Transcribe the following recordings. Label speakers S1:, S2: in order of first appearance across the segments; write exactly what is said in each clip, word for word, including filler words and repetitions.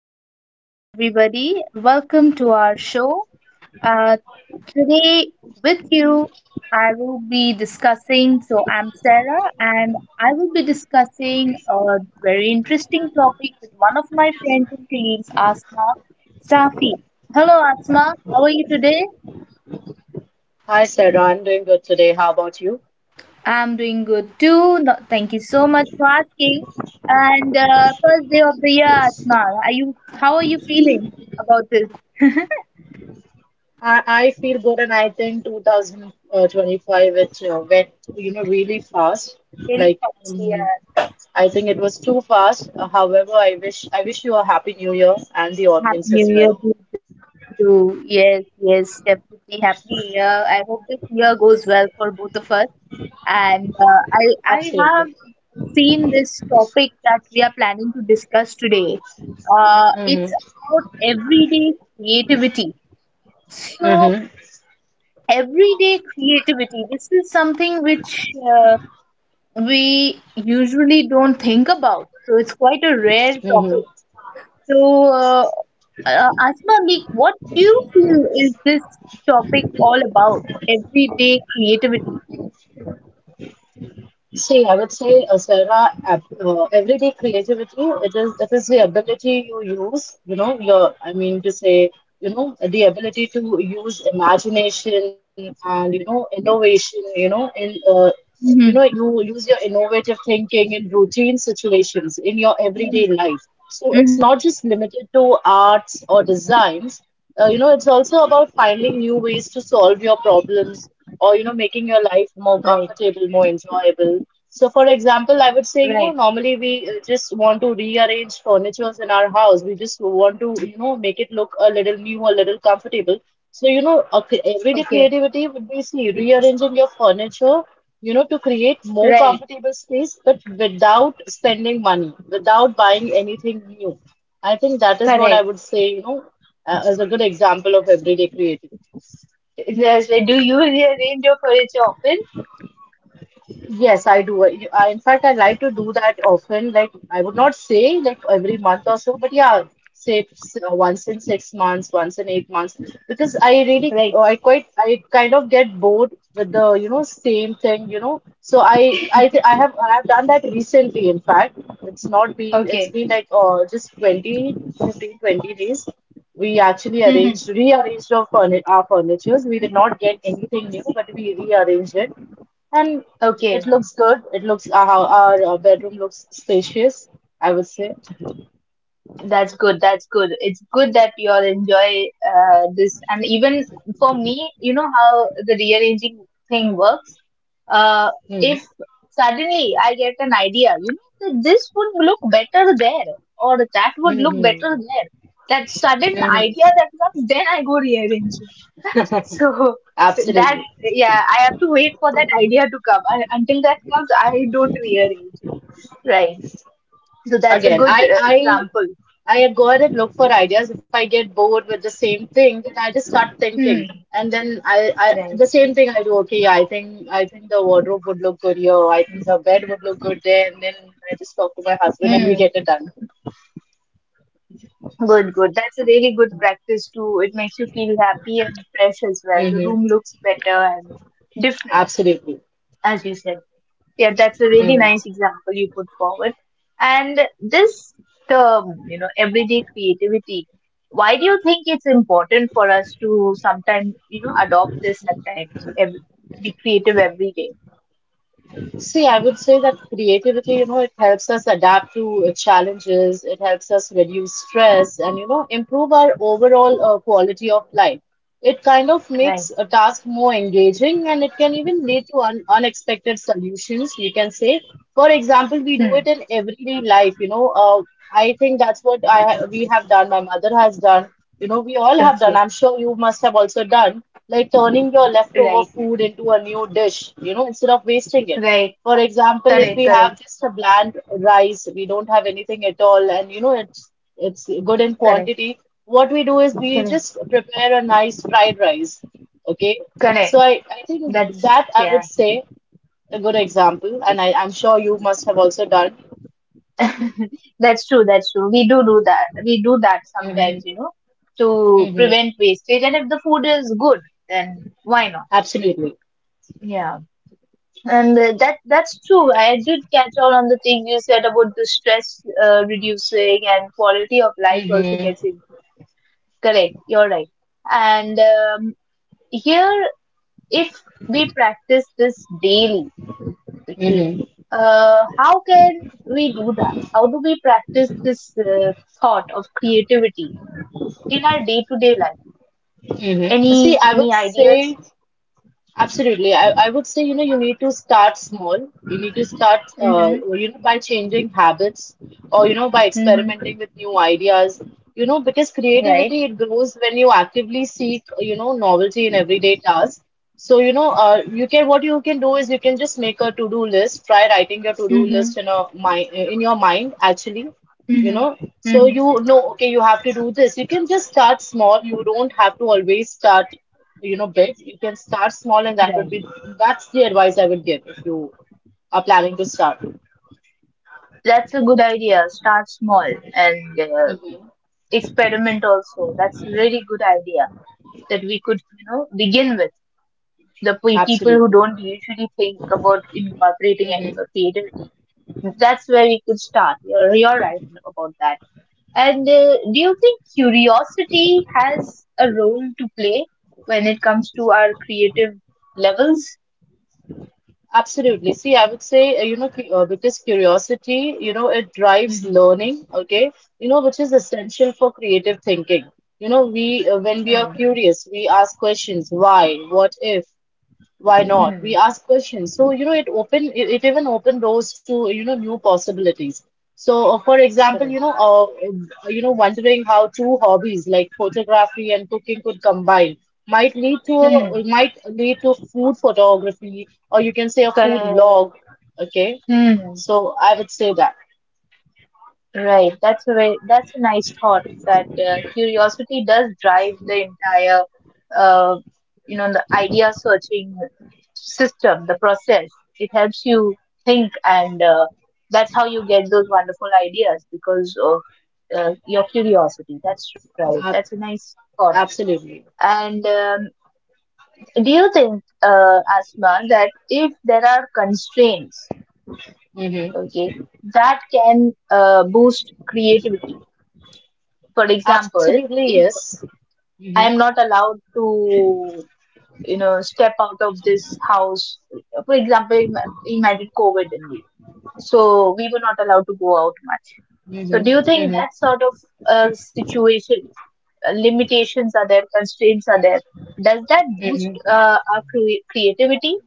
S1: morning, everybody. Welcome to our show. Uh, Today, with you, I will be discussing. So, I'm Sarah, and I will be discussing a very interesting topic with one of my friends and colleagues, Asma Safi. Hello, Asma. How are you today?
S2: Hi Sarah, I'm doing good today. How about you?
S1: I'm doing good too. No, thank you so much for asking. And uh, First day of the year, Asma. Are you? How are you feeling about this?
S2: I, I feel good, and I think twenty twenty-five it uh, went you know really fast.
S1: Really
S2: Like
S1: fast, yeah.
S2: um, I think it was too fast. Uh, however, I wish I wish you a happy new year and the audience
S1: Happy
S2: as
S1: New Year
S2: well.
S1: to you too. Yes, yes, definitely. Happy New Year. I hope this year goes well for both of us. And uh, I, I have
S2: Absolutely.
S1: seen this topic that we are planning to discuss today. Uh, it's
S2: Mm-hmm.
S1: about everyday creativity. So,
S2: Mm-hmm.
S1: everyday creativity, this is something which uh, we usually don't think about. So, it's quite a rare
S2: Mm-hmm.
S1: topic. So, uh, uh, Asma Meek, what do you feel is this topic all about? Everyday creativity.
S2: See, I would say, uh, Sarah, ab- uh, everyday creativity, it is it is the ability you use, you know, your, I mean to say, you know, the ability to use imagination and, you know, innovation, you know, in uh, you know,
S1: Mhm.
S2: you use your innovative thinking in routine situations in your everyday
S1: Mhm.
S2: life. So it's not just limited to arts or designs. Uh, you know, it's also about finding new ways to solve your problems or you know making your life more
S1: Right,
S2: comfortable, more enjoyable. So for example, I would say,
S1: right,
S2: you know normally we uh, just want to rearrange furnitures in our house. We just want to you know make it look a little new, a little comfortable. So you know a cre-
S1: okay,
S2: everyday creativity would be, see, rearranging your furniture you know to create
S1: right,
S2: more comfortable space, but without spending money, without buying anything new. I think that is what I
S1: correct.
S2: would say, you know uh, as a good example of everyday creativity.
S1: Yes, do you use your range of words often?
S2: Yes, I do. I, I- in fact, I like to do that often. Like, I would not say like every month or so, but yeah, say s- uh, once in six months, once in eight months, because I really,
S1: Right,
S2: I quite, I kind of get bored with the, you know, same thing, you know. So I, I, th I have, I have done that recently. In fact, it's not been, it's
S1: okay,
S2: been like uh, just twenty, fifteen, twenty days. We actually
S1: mhm,
S2: arranged, rearranged our furni our furnitures. We did not get anything new, but we rearranged it. And it
S1: okay.
S2: looks good. It looks, our hou- our uh, bedroom looks spacious, I would say.
S1: That's good. That's good. It's good that you all enjoy uh, this. And even for me, you know how the rearranging thing works. Uh,
S2: Hmm.
S1: if suddenly I get an idea, you know, that this would look better there or that would look
S2: Hmm.
S1: better there. That sudden idea
S2: Hmm.
S1: that comes, then I go rearranging. So that,
S2: Absolutely.
S1: yeah, I have to wait for that idea to come. I, until that comes, I don't rearrange. Right. So that's a
S2: Again,
S1: good
S2: I
S1: uh,
S2: I
S1: example.
S2: I go ahead and look for ideas. If I get bored with the same thing, then I just start thinking.
S1: Hmm.
S2: And then I, I
S1: Right.
S2: the same thing I do. Okay, I think I think the wardrobe would look good here. I think the bed would look good there. And then I just talk to my husband and we
S1: Hmm.
S2: get it done.
S1: Good, good. That's a really good practice too. It makes you feel happy and fresh as well. The
S2: Hmm.
S1: room looks better and different,
S2: Absolutely.
S1: as you said. Yeah, that's a really nice example you put forward. And this term, you know, everyday creativity, why do you think it's important for us to sometimes, you know, adopt this at times, ev- be creative every day?
S2: See, I would say that creativity, you know, it helps us adapt to uh, challenges, it helps us reduce stress and, you know, improve our overall uh, quality of life. It kind of
S1: Right.
S2: makes a task more engaging, and it can even lead to un unexpected solutions, you can say. For example, we do
S1: Hmm.
S2: it in everyday life, you know. Uh, I think that's what I ha we have done, my mother has done, you know, we all have done.
S1: Okay.
S2: I'm sure you must have also done, like turning your leftover
S1: Right.
S2: food into a new dish, you know, instead of wasting it.
S1: Right.
S2: For example, if
S1: Correct.
S2: we have just a bland rice, we don't have anything at all, and you know, it's it's good in
S1: Correct. Correct.
S2: quantity. What we do is we
S1: Correct.
S2: just prepare a nice fried rice. Okay,
S1: Correct.
S2: so I, I think
S1: That's,
S2: that, I would
S1: yeah.
S2: say, a good example, and I, I'm sure you must have also done.
S1: That's true. That's true. We do do that. We do that
S2: Mm-hmm.
S1: sometimes, you know, to
S2: Mm-hmm.
S1: prevent wastage. And if the food is good, then why not?
S2: Absolutely.
S1: Yeah, and uh, that that's true. I did catch on on the thing you said about the stress uh, reducing and quality of life also
S2: Mm-hmm.
S1: gets improved. Correct. You're right. And um, Here, if we practice this daily, okay,
S2: Mm-hmm.
S1: uh, how can we do that? How do we practice this uh, thought of creativity in our day to day life?
S2: Mm-hmm. See,
S1: Any
S2: I would
S1: any
S2: say,
S1: ideas?
S2: absolutely. I, I would say, you know, you need to start small. You need to start, uh,
S1: Mm-hmm.
S2: you know, by changing habits, or, you know, by
S1: Mm-hmm.
S2: experimenting with new ideas. You know, because
S1: Right.
S2: creativity, it grows when you actively seek, you know, novelty in everyday tasks. So, you know, uh, you can, what you can do is you can just make a to-do list. Try writing your to-do
S1: Mm-hmm.
S2: list in a mind in your mind, actually. You
S1: Mm-hmm.
S2: know, so
S1: Mm-hmm.
S2: you know, okay, you have to do this. You can just start small. You don't have to always start, you know, big. You can start small, and that would
S1: Right.
S2: be that's the advice I would give if you are planning to start.
S1: That's a good idea. Start small and uh,
S2: Mhm.
S1: experiment also. That's a really good idea that we could you know begin with the pe- people who
S2: Absolutely.
S1: don't usually think about incorporating uh, creativity. That's where we could start. You're, you're right about that. And uh, Do you think curiosity has a role to play when it comes to our creative levels?
S2: Absolutely. See, I would say, uh, you know, cu- uh, because curiosity, you know, it drives
S1: Mm-hmm.
S2: learning, okay, you know, which is essential for creative thinking. You know, we, uh, when we are
S1: Hmm.
S2: curious, we ask questions, why, what if, why not?
S1: Hmm.
S2: We ask questions. So, you know, it open it, it even open doors to, you know, new possibilities. So, uh, for example,
S1: Correct.
S2: you know, uh, you know, wondering how two hobbies like photography and cooking could combine might lead to
S1: Hmm.
S2: might lead to food photography, or you can say, a food vlog.
S1: Correct.
S2: Okay.
S1: Hmm.
S2: So I would say that.
S1: Right. That's a very, that's a nice thought that uh, curiosity does drive the entire, uh, you know, the idea searching system, the process. It helps you think, and uh, that's how you get those wonderful ideas because of uh, your curiosity. That's right. That's a
S2: Ab-
S1: nice thought.
S2: Absolutely.
S1: And um, Do you think, uh, Asma, that if there are constraints,
S2: Hmm.
S1: okay, that can uh, boost creativity? For example,
S2: Absolutely,
S1: if
S2: yes. Hmm.
S1: I am not allowed to, you know, step out of this house, for example, ima- imagine COVID only. So we were not allowed to go out much. So
S2: Hmm.
S1: do you think
S2: Hmm.
S1: that sort of uh, situation, uh, limitations are there, constraints are there? Does that boost
S2: Hmm.
S1: uh, our cre- creativity?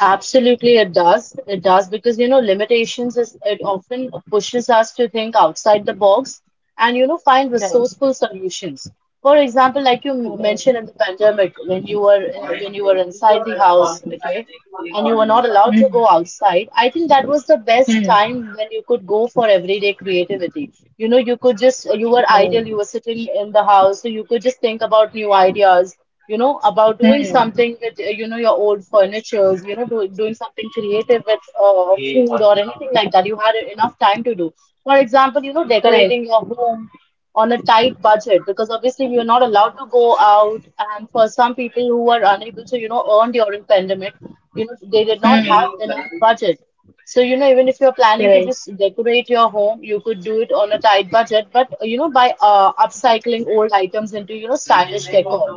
S2: Absolutely, it does. It does, because you know limitations is it often pushes us to think outside the box and you know find
S1: Right.
S2: resourceful solutions. For example, like you m-
S1: Correct.
S2: mentioned in the pandemic, when you were uh, when you were inside the house, okay, and you were not allowed to
S1: Mm,
S2: go outside. I think that was the best
S1: mm,
S2: time when you could go for everyday creativity. You know, you could just, you were
S1: correct.
S2: idle, you were sitting in the house, so you could just think about new ideas, you know, about doing
S1: Mm,
S2: something with, uh, you know, your old furnitures, you know, do, doing something creative with uh, food or anything like that. You had enough time to do. For example, you know,
S1: correct.
S2: decorating your home on a tight budget, because obviously we were not allowed to go out. And for some people who were unable to, you know, earn during pandemic, you know, they did not
S1: Mm.
S2: have enough budget. So, you know, even if you're planning to
S1: Correct.
S2: just decorate your home, you could do it on a tight budget, but uh, you know, by uh, upcycling old items into, you know, stylish decor.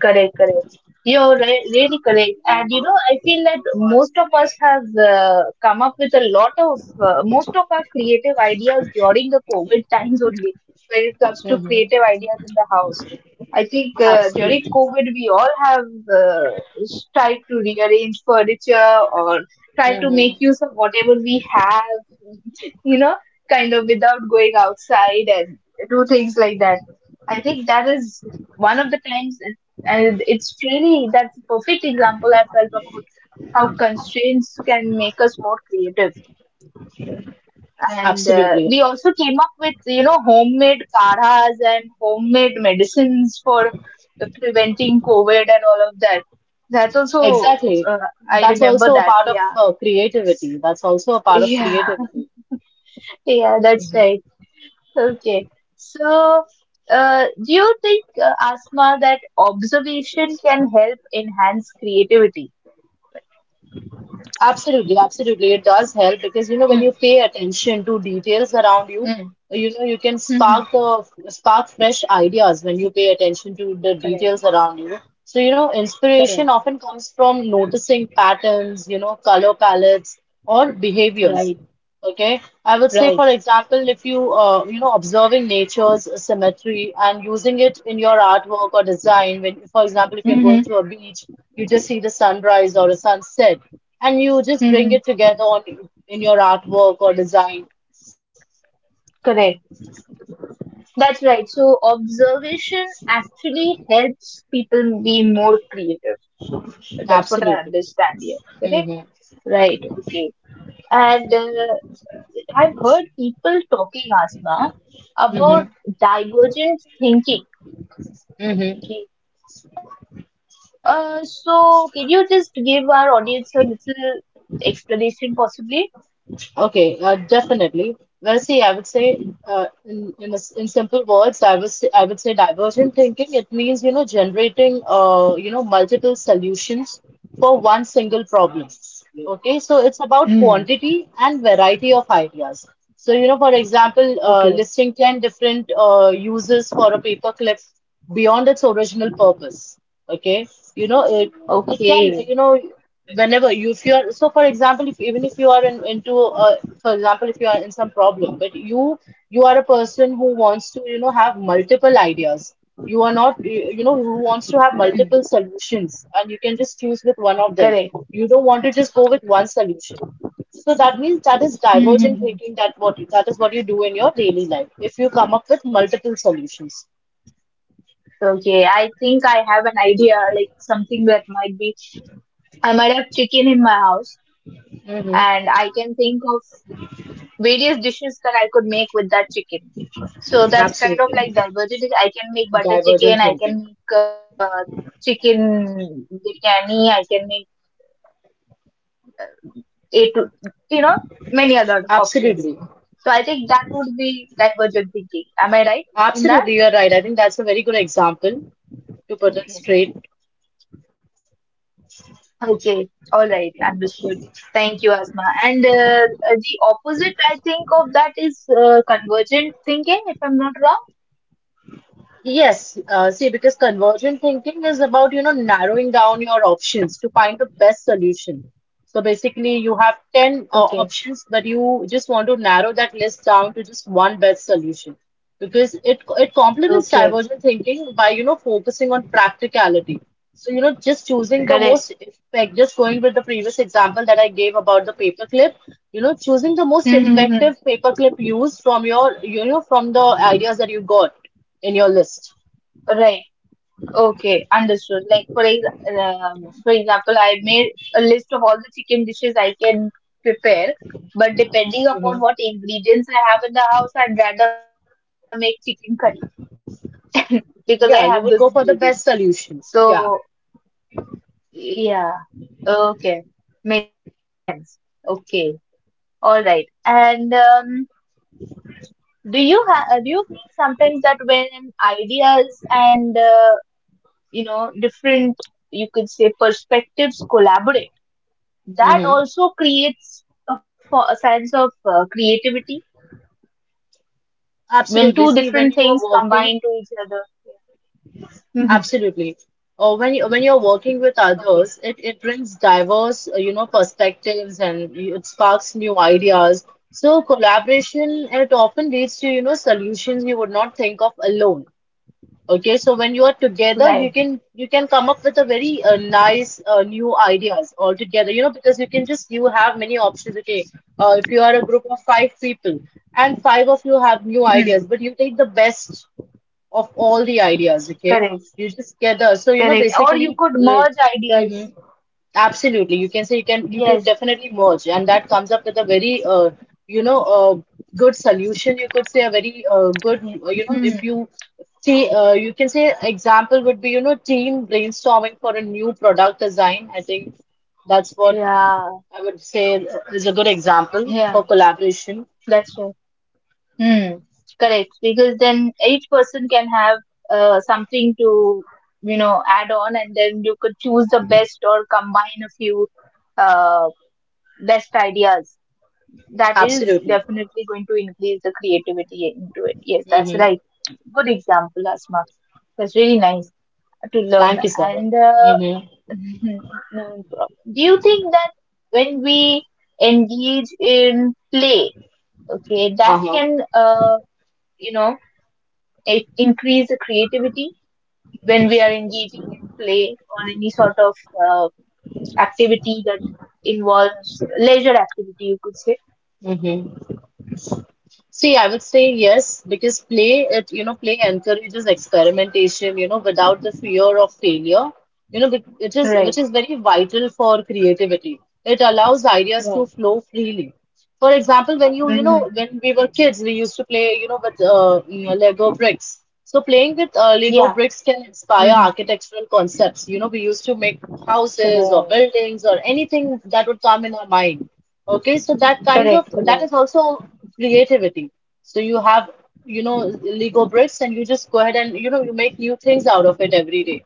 S1: Correct, correct. You're re- really correct. And you know, I feel that most of us have uh, come up with a lot of, uh, most of our creative ideas during the COVID times only, when it comes to
S2: Mm-hmm.
S1: creative ideas in the house. I think uh, during
S2: Absolutely.
S1: COVID, we all have uh, tried to rearrange furniture or try to make
S2: Mm-hmm.
S1: use of whatever we have, you know, kind of without going outside and do things like that. I think that is one of the times and it's really that's a perfect example I felt about how constraints can make us more creative. And uh,
S2: Absolutely.
S1: We also came up with you know homemade kadhas and homemade medicines for preventing COVID and all of that. That's also
S2: Exactly.
S1: uh, I
S2: That's
S1: remember
S2: also a
S1: that.
S2: part of
S1: Yeah,
S2: uh, creativity. That's also a part of
S1: yeah,
S2: creativity.
S1: yeah. That's right. Okay, so. Uh, do you think, uh, Asma, that observation can help enhance creativity?
S2: Absolutely, absolutely. It does help, because you know when you pay attention to details around you,
S1: Mm,
S2: you know you can
S1: mm,
S2: spark the spark fresh ideas when you pay attention to the
S1: correct.
S2: details around you. So you know inspiration
S1: Correct.
S2: often comes from noticing patterns, you know, color palettes or behaviors.
S1: Right.
S2: Okay, I would say,
S1: Right.
S2: for example, if you, uh, you know observing nature's symmetry and using it in your artwork or design, when for example if you're going
S1: Mm-hmm.
S2: to a beach, you just see the sunrise or a sunset, and you just bring
S1: Mm-hmm.
S2: it together on in your artwork or design.
S1: Correct. That's right. So observation actually helps people be more creative. That's what I
S2: Absolutely.
S1: understand here. Correct?
S2: Mm-hmm.
S1: Right. Okay. And uh, I've heard people talking, Asma,
S2: Mm-hmm.
S1: about divergent thinking.
S2: Mm-hmm.
S1: Okay. Uh, so can you just give our audience a little explanation possibly?
S2: Okay, uh, definitely. Well, see, I would say, uh, in in, a s in simple words, I was I would say divergent thinking. It means, you know, generating, uh, you know, multiple solutions for one single problem. Okay, so it's about
S1: Mm.
S2: quantity and variety of ideas. So, you know, for example, uh,
S1: Okay.
S2: listing ten different uh, uses for a paperclip beyond its original purpose. Okay, you know, it it
S1: Okay.
S2: can, you know whenever you, if you're, so for example, if even if you are in, into, uh, for example, if you are in some problem, but you you are a person who wants to you know have multiple ideas, you are not, you you know who wants to have
S1: Mm.
S2: multiple solutions, and you can just choose with one of them.
S1: Correct.
S2: You don't want to just go with one solution. So that means that is divergent
S1: Mm-hmm.
S2: thinking. That what that is what you do in your daily life, if you come up with multiple solutions.
S1: Okay, I think I have an idea, like something that might be. I might have chicken in my house, and
S2: Hmm.
S1: I can think of various dishes that I could make with that chicken. So that's kind of
S2: Absolutely.
S1: like divergent. I can make butter
S2: Divergent
S1: chicken, I
S2: thinking.
S1: can make uh, chicken biryani, I can make it, you know, many other options. So I think that
S2: Absolutely.
S1: would be divergent thinking. Am I right in that?
S2: Absolutely, you're right. I think that's a very good example
S1: Okay.
S2: to put it straight.
S1: Okay, all right, understood. Thank you, Asma. And uh, uh, the opposite, I think, of that is uh, convergent thinking, if I'm not wrong.
S2: Yes, uh, see, because convergent thinking is about, you know, narrowing down your options to find the best solution. So basically, you have ten uh,
S1: Okay,
S2: options, but you just want to narrow that list down to just one best solution, because it it complements
S1: okay,
S2: divergent thinking by, you know, focusing on practicality. So, you know, just choosing the
S1: correct.
S2: most effect, just going with the previous example that I gave about the paperclip, you know, choosing the most
S1: Mm-hmm.
S2: effective paperclip use from your, you know, from the ideas that you got in your list.
S1: Right. Okay, understood. Like for ex- um, for example, I made a list of all the chicken dishes I can prepare, but depending
S2: Hmm.
S1: upon what ingredients I have in the house, I'd rather make chicken curry because I have those
S2: Yeah, you would
S1: ingredients.
S2: go for the best solution.
S1: So
S2: Yeah.
S1: yeah. Okay, makes sense. Okay, all right. And um, do you ha- uh, do you think sometimes that when ideas and uh, you know different you could say perspectives collaborate, that
S2: Hmm.
S1: also creates a, fo- a sense of uh, creativity when two
S2: Absolutely. See,
S1: different
S2: when you
S1: things
S2: are
S1: combine
S2: working,
S1: to each other. Mhm.
S2: absolutely. Or when you, when you're working with
S1: Okay,
S2: others, it, it brings diverse, uh, you know, perspectives, and you- it sparks new ideas. So collaboration, it often leads to, you know, solutions you would not think of alone. Okay, so when you are together,
S1: right.
S2: you can you can come up with a very uh, nice uh, new ideas all together, you know, because you can just, you have many options. Okay, uh, if you are a group of five people and five of you have new
S1: Hmm.
S2: ideas, but you take the best of all the ideas. Okay,
S1: Correct,
S2: you just gather. So you know,
S1: correct. Or you
S2: basically,
S1: could
S2: uh,
S1: merge ideas.
S2: mhm. Absolutely. You can say you can you could
S1: Yes.
S2: definitely merge, and that comes up with a very uh, you know uh, good solution. You could say a very uh, good uh, you know if
S1: Hmm.
S2: you see uh, you can say example would be you know team brainstorming for a new product design. I think that's what
S1: Yeah,
S2: I would say is a good example for
S1: yeah.
S2: collaboration.
S1: That's right. Hmm, correct. Because then each person can have uh, something to, you know, add on, and then you could choose the best or combine a few uh, best ideas. That is
S2: Absolutely.
S1: definitely going to increase the creativity into it. Yes, that's
S2: Mm-hmm.
S1: right. Good example, Asma. That's really nice to learn.
S2: Thank you, Sarah.
S1: And uh,
S2: Mm-hmm.
S1: no problem. Do you think that when we engage in play, okay, that
S2: Uh-huh.
S1: can, uh, you know, it increase the creativity when we are engaging in play or any sort of uh, activity that involves leisure activity you could say
S2: Mm-hmm. See, I would say yes, because play it, you know, play encourages experimentation, you know, without the fear of failure, you know, which which is which
S1: right
S2: is very vital for creativity. It allows ideas to
S1: right
S2: flow freely. For example, when you, you know,
S1: hmm
S2: when we were kids, we used to play, you know, with uh, mm, Lego bricks. So playing with uh, Lego
S1: yeah
S2: bricks can inspire
S1: hmm
S2: architectural concepts. You know, we used to make houses or
S1: correct
S2: buildings or anything that would come in our mind. Okay, so that kind of
S1: correct
S2: that
S1: correct
S2: is also creativity. So you have, you know, Lego bricks and you just go ahead and, you know, you make new things out of it every day.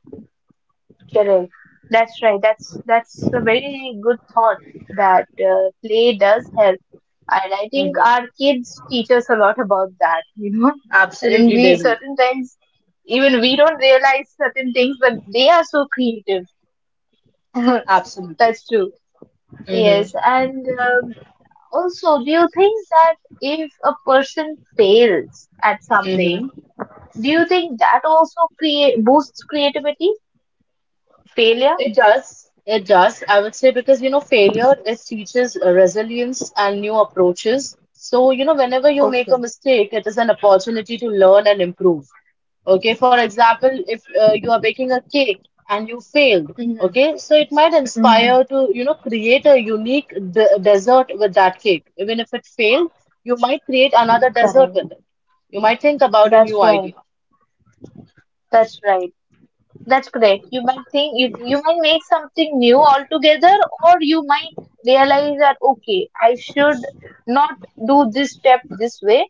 S1: correct that's right that's that's a very good thought that uh, play does help and I think
S2: Mm-hmm.
S1: our kids teach us a lot about that you know and
S2: Absolutely, they
S1: we
S2: do.
S1: certain times even we don't realize certain things but they are so creative
S2: Absolutely.
S1: That's true.
S2: Mm-hmm.
S1: Yes. And um, Also, do you think that if a person fails at something, do you think that also create boosts creativity? Failure?
S2: It does. It does. I would say because, you know, failure, it teaches uh, resilience and new approaches. So, you know, whenever you make a
S1: Okay.
S2: mistake, it is an opportunity to learn and improve. Okay, for example, if uh, you are baking a cake and you failed,
S1: Mm-hmm.
S2: okay, so it might
S1: Mm-hmm.
S2: inspire to, you know, create a unique de dessert with that cake. Even if it failed, you might create another dessert
S1: Correct.
S2: with it. You might think about a
S1: That's
S2: new
S1: right.
S2: idea.
S1: That's right. That's correct. You might think you you might make something new altogether, or you might realize that okay, I should not do this step this way,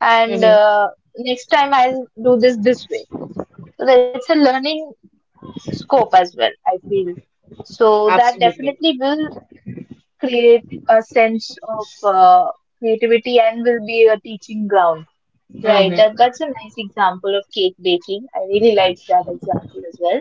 S1: and
S2: Mm-hmm.
S1: uh, next time I'll do this this way. So that's a learning scope as well, I feel. So that
S2: Absolutely.
S1: definitely will create a sense of uh, creativity and will be a teaching ground. Right, that,
S2: Mm-hmm.
S1: that's a nice example of cake baking. I really liked that example as well.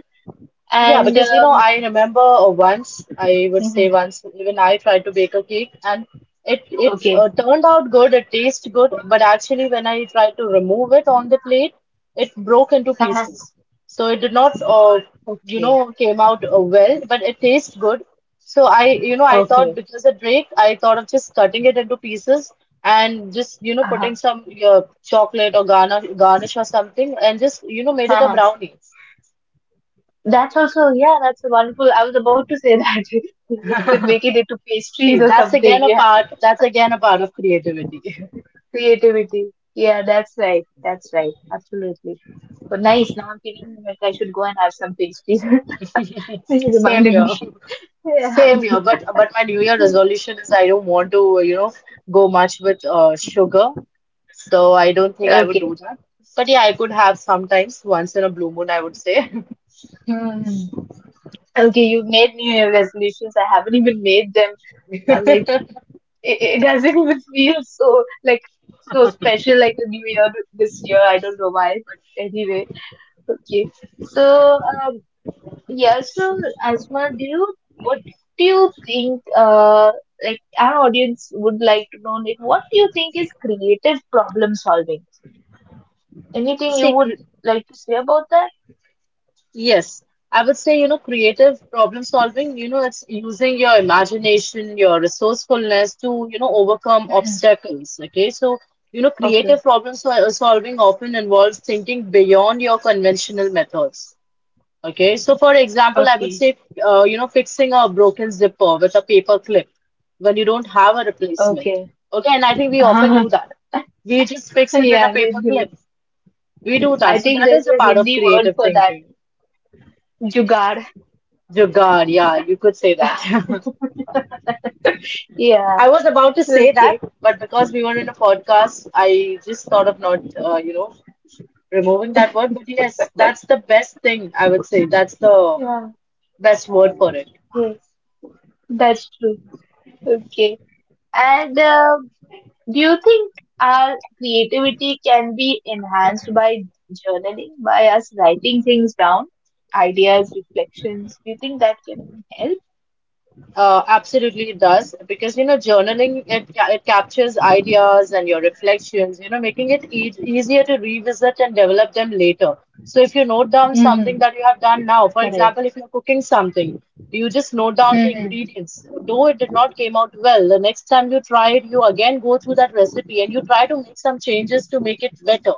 S2: Yeah,
S1: And
S2: because you know,
S1: um,
S2: I remember uh, once, I would say
S1: Mhm,
S2: once, even I tried to bake a cake and it it
S1: okay,
S2: uh, turned out good, it tasted good, but actually when I tried to remove it on the plate, it broke into
S1: uh-huh,
S2: pieces. So it did not uh, you
S1: okay,
S2: know, came out uh, well, but it tastes good. So I, you know, I thought
S1: okay,
S2: because it break, I thought of just cutting it into pieces and just, you know,
S1: uh-huh.
S2: putting some uh, chocolate or garnish, garnish or something and just, you know, made it a
S1: Uh-huh.
S2: brownie.
S1: That's also, yeah, that's a wonderful. I was about to say that you could make it into
S2: See,
S1: pastries or
S2: that's
S1: something.
S2: again a
S1: Yeah,
S2: part. That's again a part of creativity.
S1: creativity. Yeah, that's right. That's right. Absolutely. So nice. Now I'm feeling like I should go and have some pastries. you
S2: Same
S1: reminded
S2: here.
S1: me. Yeah.
S2: Same here. But but my New Year resolution is I don't want to you know go much with uh, sugar, so I don't think I would
S1: Okay.
S2: do that. But yeah, I could have sometimes once in a blue moon. I would say.
S1: Hmm. Okay, you made New Year resolutions. I haven't even made them. I'm like, it, it doesn't even feel so like so special like a New Year this year. I don't know why, but anyway. Okay. So um, yeah. So Asma, do you what do you think? Uh, like our audience would like to know, like what do you think is creative problem solving? Anything you
S2: See,
S1: would
S2: cr-
S1: like to say about that?
S2: Yes, I would say, you know, creative problem solving, you know, it's using your imagination, your resourcefulness to, you know, overcome obstacles. Okay, so, you know,
S1: Okay,
S2: creative problem sol solving often involves thinking beyond your conventional methods. Okay, so for example, I would
S1: okay,
S2: say, uh, you know, fixing a broken zipper with a paper clip when you don't have a replacement.
S1: okay.
S2: Okay, and I think we often do that. We just fix it with a
S1: yeah, we
S2: paper
S1: do.
S2: clip. We do
S1: I
S2: that. So
S1: think
S2: that
S1: there's
S2: is a
S1: a
S2: part of
S1: Hindi word
S2: creative
S1: for that.
S2: thinking.
S1: Jugaad.
S2: Your God, yeah, you could say that.
S1: Yeah,
S2: I was about to say that,
S1: okay.
S2: but because we were in a podcast, I just thought of not, uh, you know, removing that word. But yes, that's the best thing I would say. That's the
S1: Yeah,
S2: best word for it.
S1: okay. That's true. Okay. And um do you think our creativity can be enhanced by journaling, by us writing things down, ideas, reflections? Do you think that can help?
S2: Uh, absolutely, it does because you know journaling it it captures ideas and your reflections, you know, making it e easier to revisit and develop them later. So if you note down
S1: Mm-hmm.
S2: something that you have done now, for
S1: Correct.
S2: example, if you're cooking something, you just note down the
S1: Mm-hmm.
S2: ingredients. Though it did not came out well, the next time you try it, you again go through that recipe and you try to make some changes to make it better.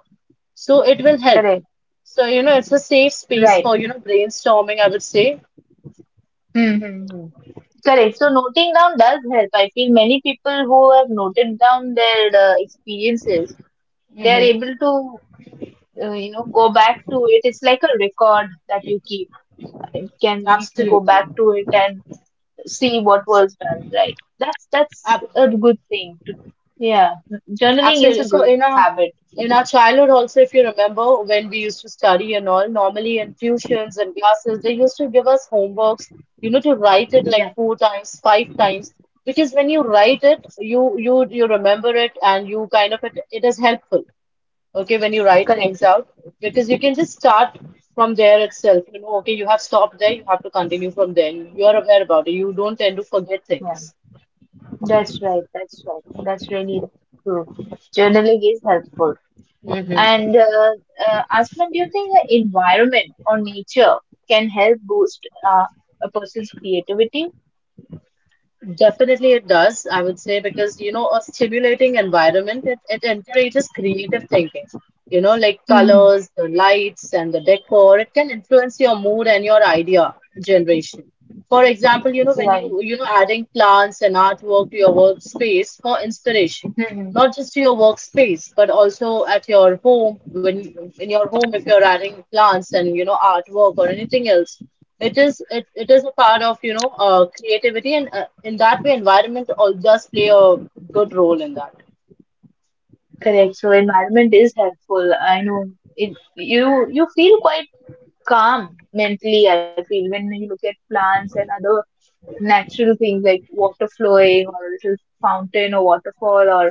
S2: So it will help.
S1: Correct.
S2: So you know, it's a safe space
S1: Right.
S2: for you know brainstorming, I would say.
S1: Mm-hmm. Correct. So noting down does help. I feel many people who have noted down their uh, experiences, they are
S2: Hmm.
S1: able to, uh, you know, go back to it. It's like a record that you keep. It can you can go
S2: Absolutely.
S1: back to it and see what was done. Right. That's that's a good thing. To, yeah, journaling is
S2: Absolutely.
S1: a
S2: So
S1: good
S2: in our
S1: habit.
S2: in our childhood also, if you remember when we used to study and all, normally in tuitions and classes, they used to give us homeworks, you know, to write it like
S1: Yeah,
S2: four times, five times, because when you write it, you you you remember it and you kind of it, it is helpful, okay, when you write
S1: correct.
S2: things out, because you can just start from there itself, you know, okay, you have stopped there, you have to continue from there. You are aware about it. You don't tend to forget things.
S1: Yeah, that's right. That's right. That's really true. Journaling is helpful. And uh, uh, Asman, do you think the environment or nature can help boost uh, a person's creativity?
S2: Definitely it does, I would say, because you know, a stimulating environment, it, it encourages creative thinking. You know, like
S1: Mm.
S2: colors, the lights, and the decor, it can influence your mood and your idea generation. For example, you know, when
S1: Right.
S2: you, you know, adding plants and artwork to your workspace for inspiration,
S1: Hmm.
S2: not just to your workspace but also at your home, when in your home if you're adding plants and you know artwork or anything else, it is it, it is a part of you know uh, creativity, and uh, in that way environment all does play a good role in that.
S1: Correct. So environment is helpful. I know it, you you feel quite calm mentally, I feel, when you look at plants and other natural things like water flowing or a little fountain or waterfall or,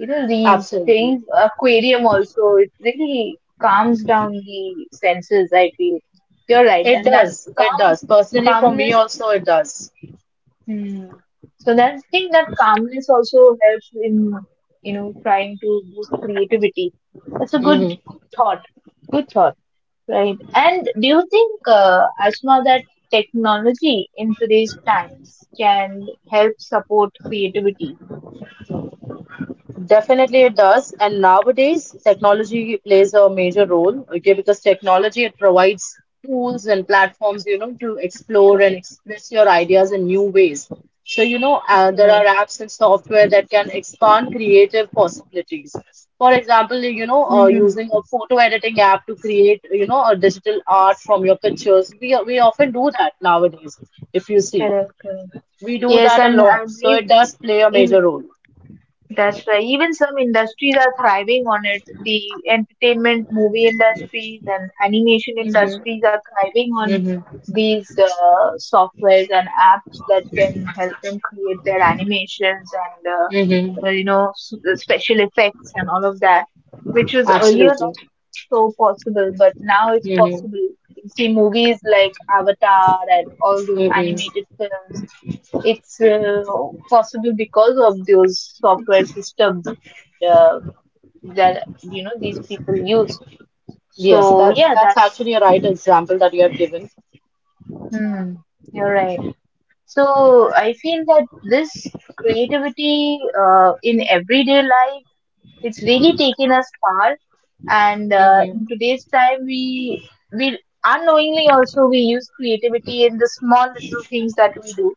S1: you know, these
S2: Absolutely
S1: things, aquarium also, it really calms down the senses I feel you're right
S2: it
S1: and that
S2: does, it
S1: calm
S2: does personally, for me
S1: calmness
S2: also it does.
S1: hmm. So that I think that calmness also helps in you know trying to boost creativity that's a good,
S2: Mhm.
S1: good thought good thought right and do you think uh, asma that technology in today's times can help support creativity
S2: Definitely it does. And nowadays, technology plays a major role, okay, because technology it provides tools and platforms, you know, to explore and express your ideas in new ways. So, you know, uh, there are
S1: Correct,
S2: apps and software that can expand creative possibilities. For example, you know, uh, using a photo editing app to create, you know, a digital art from your pictures. We we often do that nowadays, if you see.
S1: correct, correct.
S2: We do
S1: Yes
S2: that a
S1: and I
S2: lot. So
S1: believe
S2: it does play a
S1: in
S2: major role.
S1: That's right. Even some industries are thriving on it. The entertainment, movie industries, and animation
S2: Mm-hmm.
S1: industries are thriving on these uh, softwares and apps that can help them create their animations and
S2: Mm-hmm.
S1: uh, uh, you know s- special effects and all of that, which was earlier not
S2: Absolutely.
S1: so possible, but now it's
S2: Mm-hmm.
S1: possible. You see movies like Avatar and all those
S2: Mm-hmm.
S1: animated films it's uh, possible because of those software systems uh, that you know these people use.
S2: Yes,
S1: So
S2: that
S1: yeah,
S2: that's
S1: that's
S2: actually a right example that you have given.
S1: hmm, you're right. So I feel that this creativity uh, in everyday life it's really taken us far, and uh,
S2: Mm-hmm.
S1: in today's time we we unknowingly also we use creativity in the small little things that we do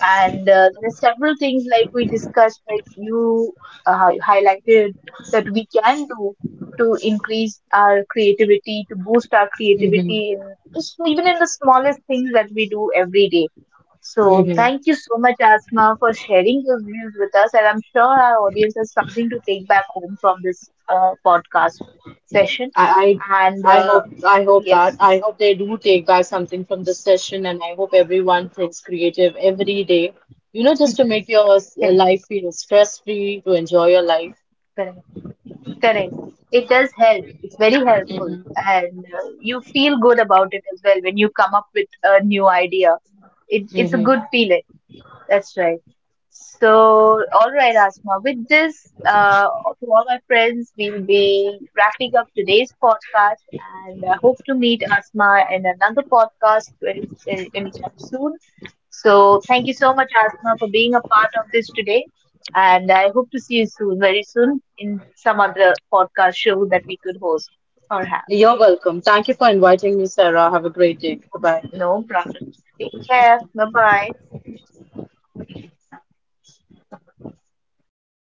S1: and uh, there are several things like we discussed like you uh, highlighted that we can do to increase our creativity to boost our
S2: Mm-hmm.
S1: creativity in just even in the smallest things that we do every day so
S2: Mm-hmm.
S1: thank you so much asma for sharing your views with us and I'm sure our audience has something to take back home from this uh, podcast session
S2: I,
S1: and
S2: I I
S1: uh,
S2: hope I hope that
S1: yes
S2: I hope they do take back something from this session, and I hope everyone thinks creative every day. You know, just to make your s-
S1: correct
S2: life feel stress-free, to enjoy your life.
S1: Correct. It does help. It's very helpful, and uh, you feel good about it as well when you come up with a new idea. It, it's a
S2: Mm-hmm.
S1: good feeling. That's right. So, all right, Asma. With this, uh, to all my friends, we'll be wrapping up today's podcast, and I hope to meet Asma in another podcast very- very- anytime soon. So thank you so much, Asma, for being a part of this today. And I hope to see you soon, very soon, in some other podcast show that we could host or have.
S2: You're welcome. Thank you for inviting me, Sarah. Have a great day. Goodbye.
S1: No problem. Take care. Bye bye.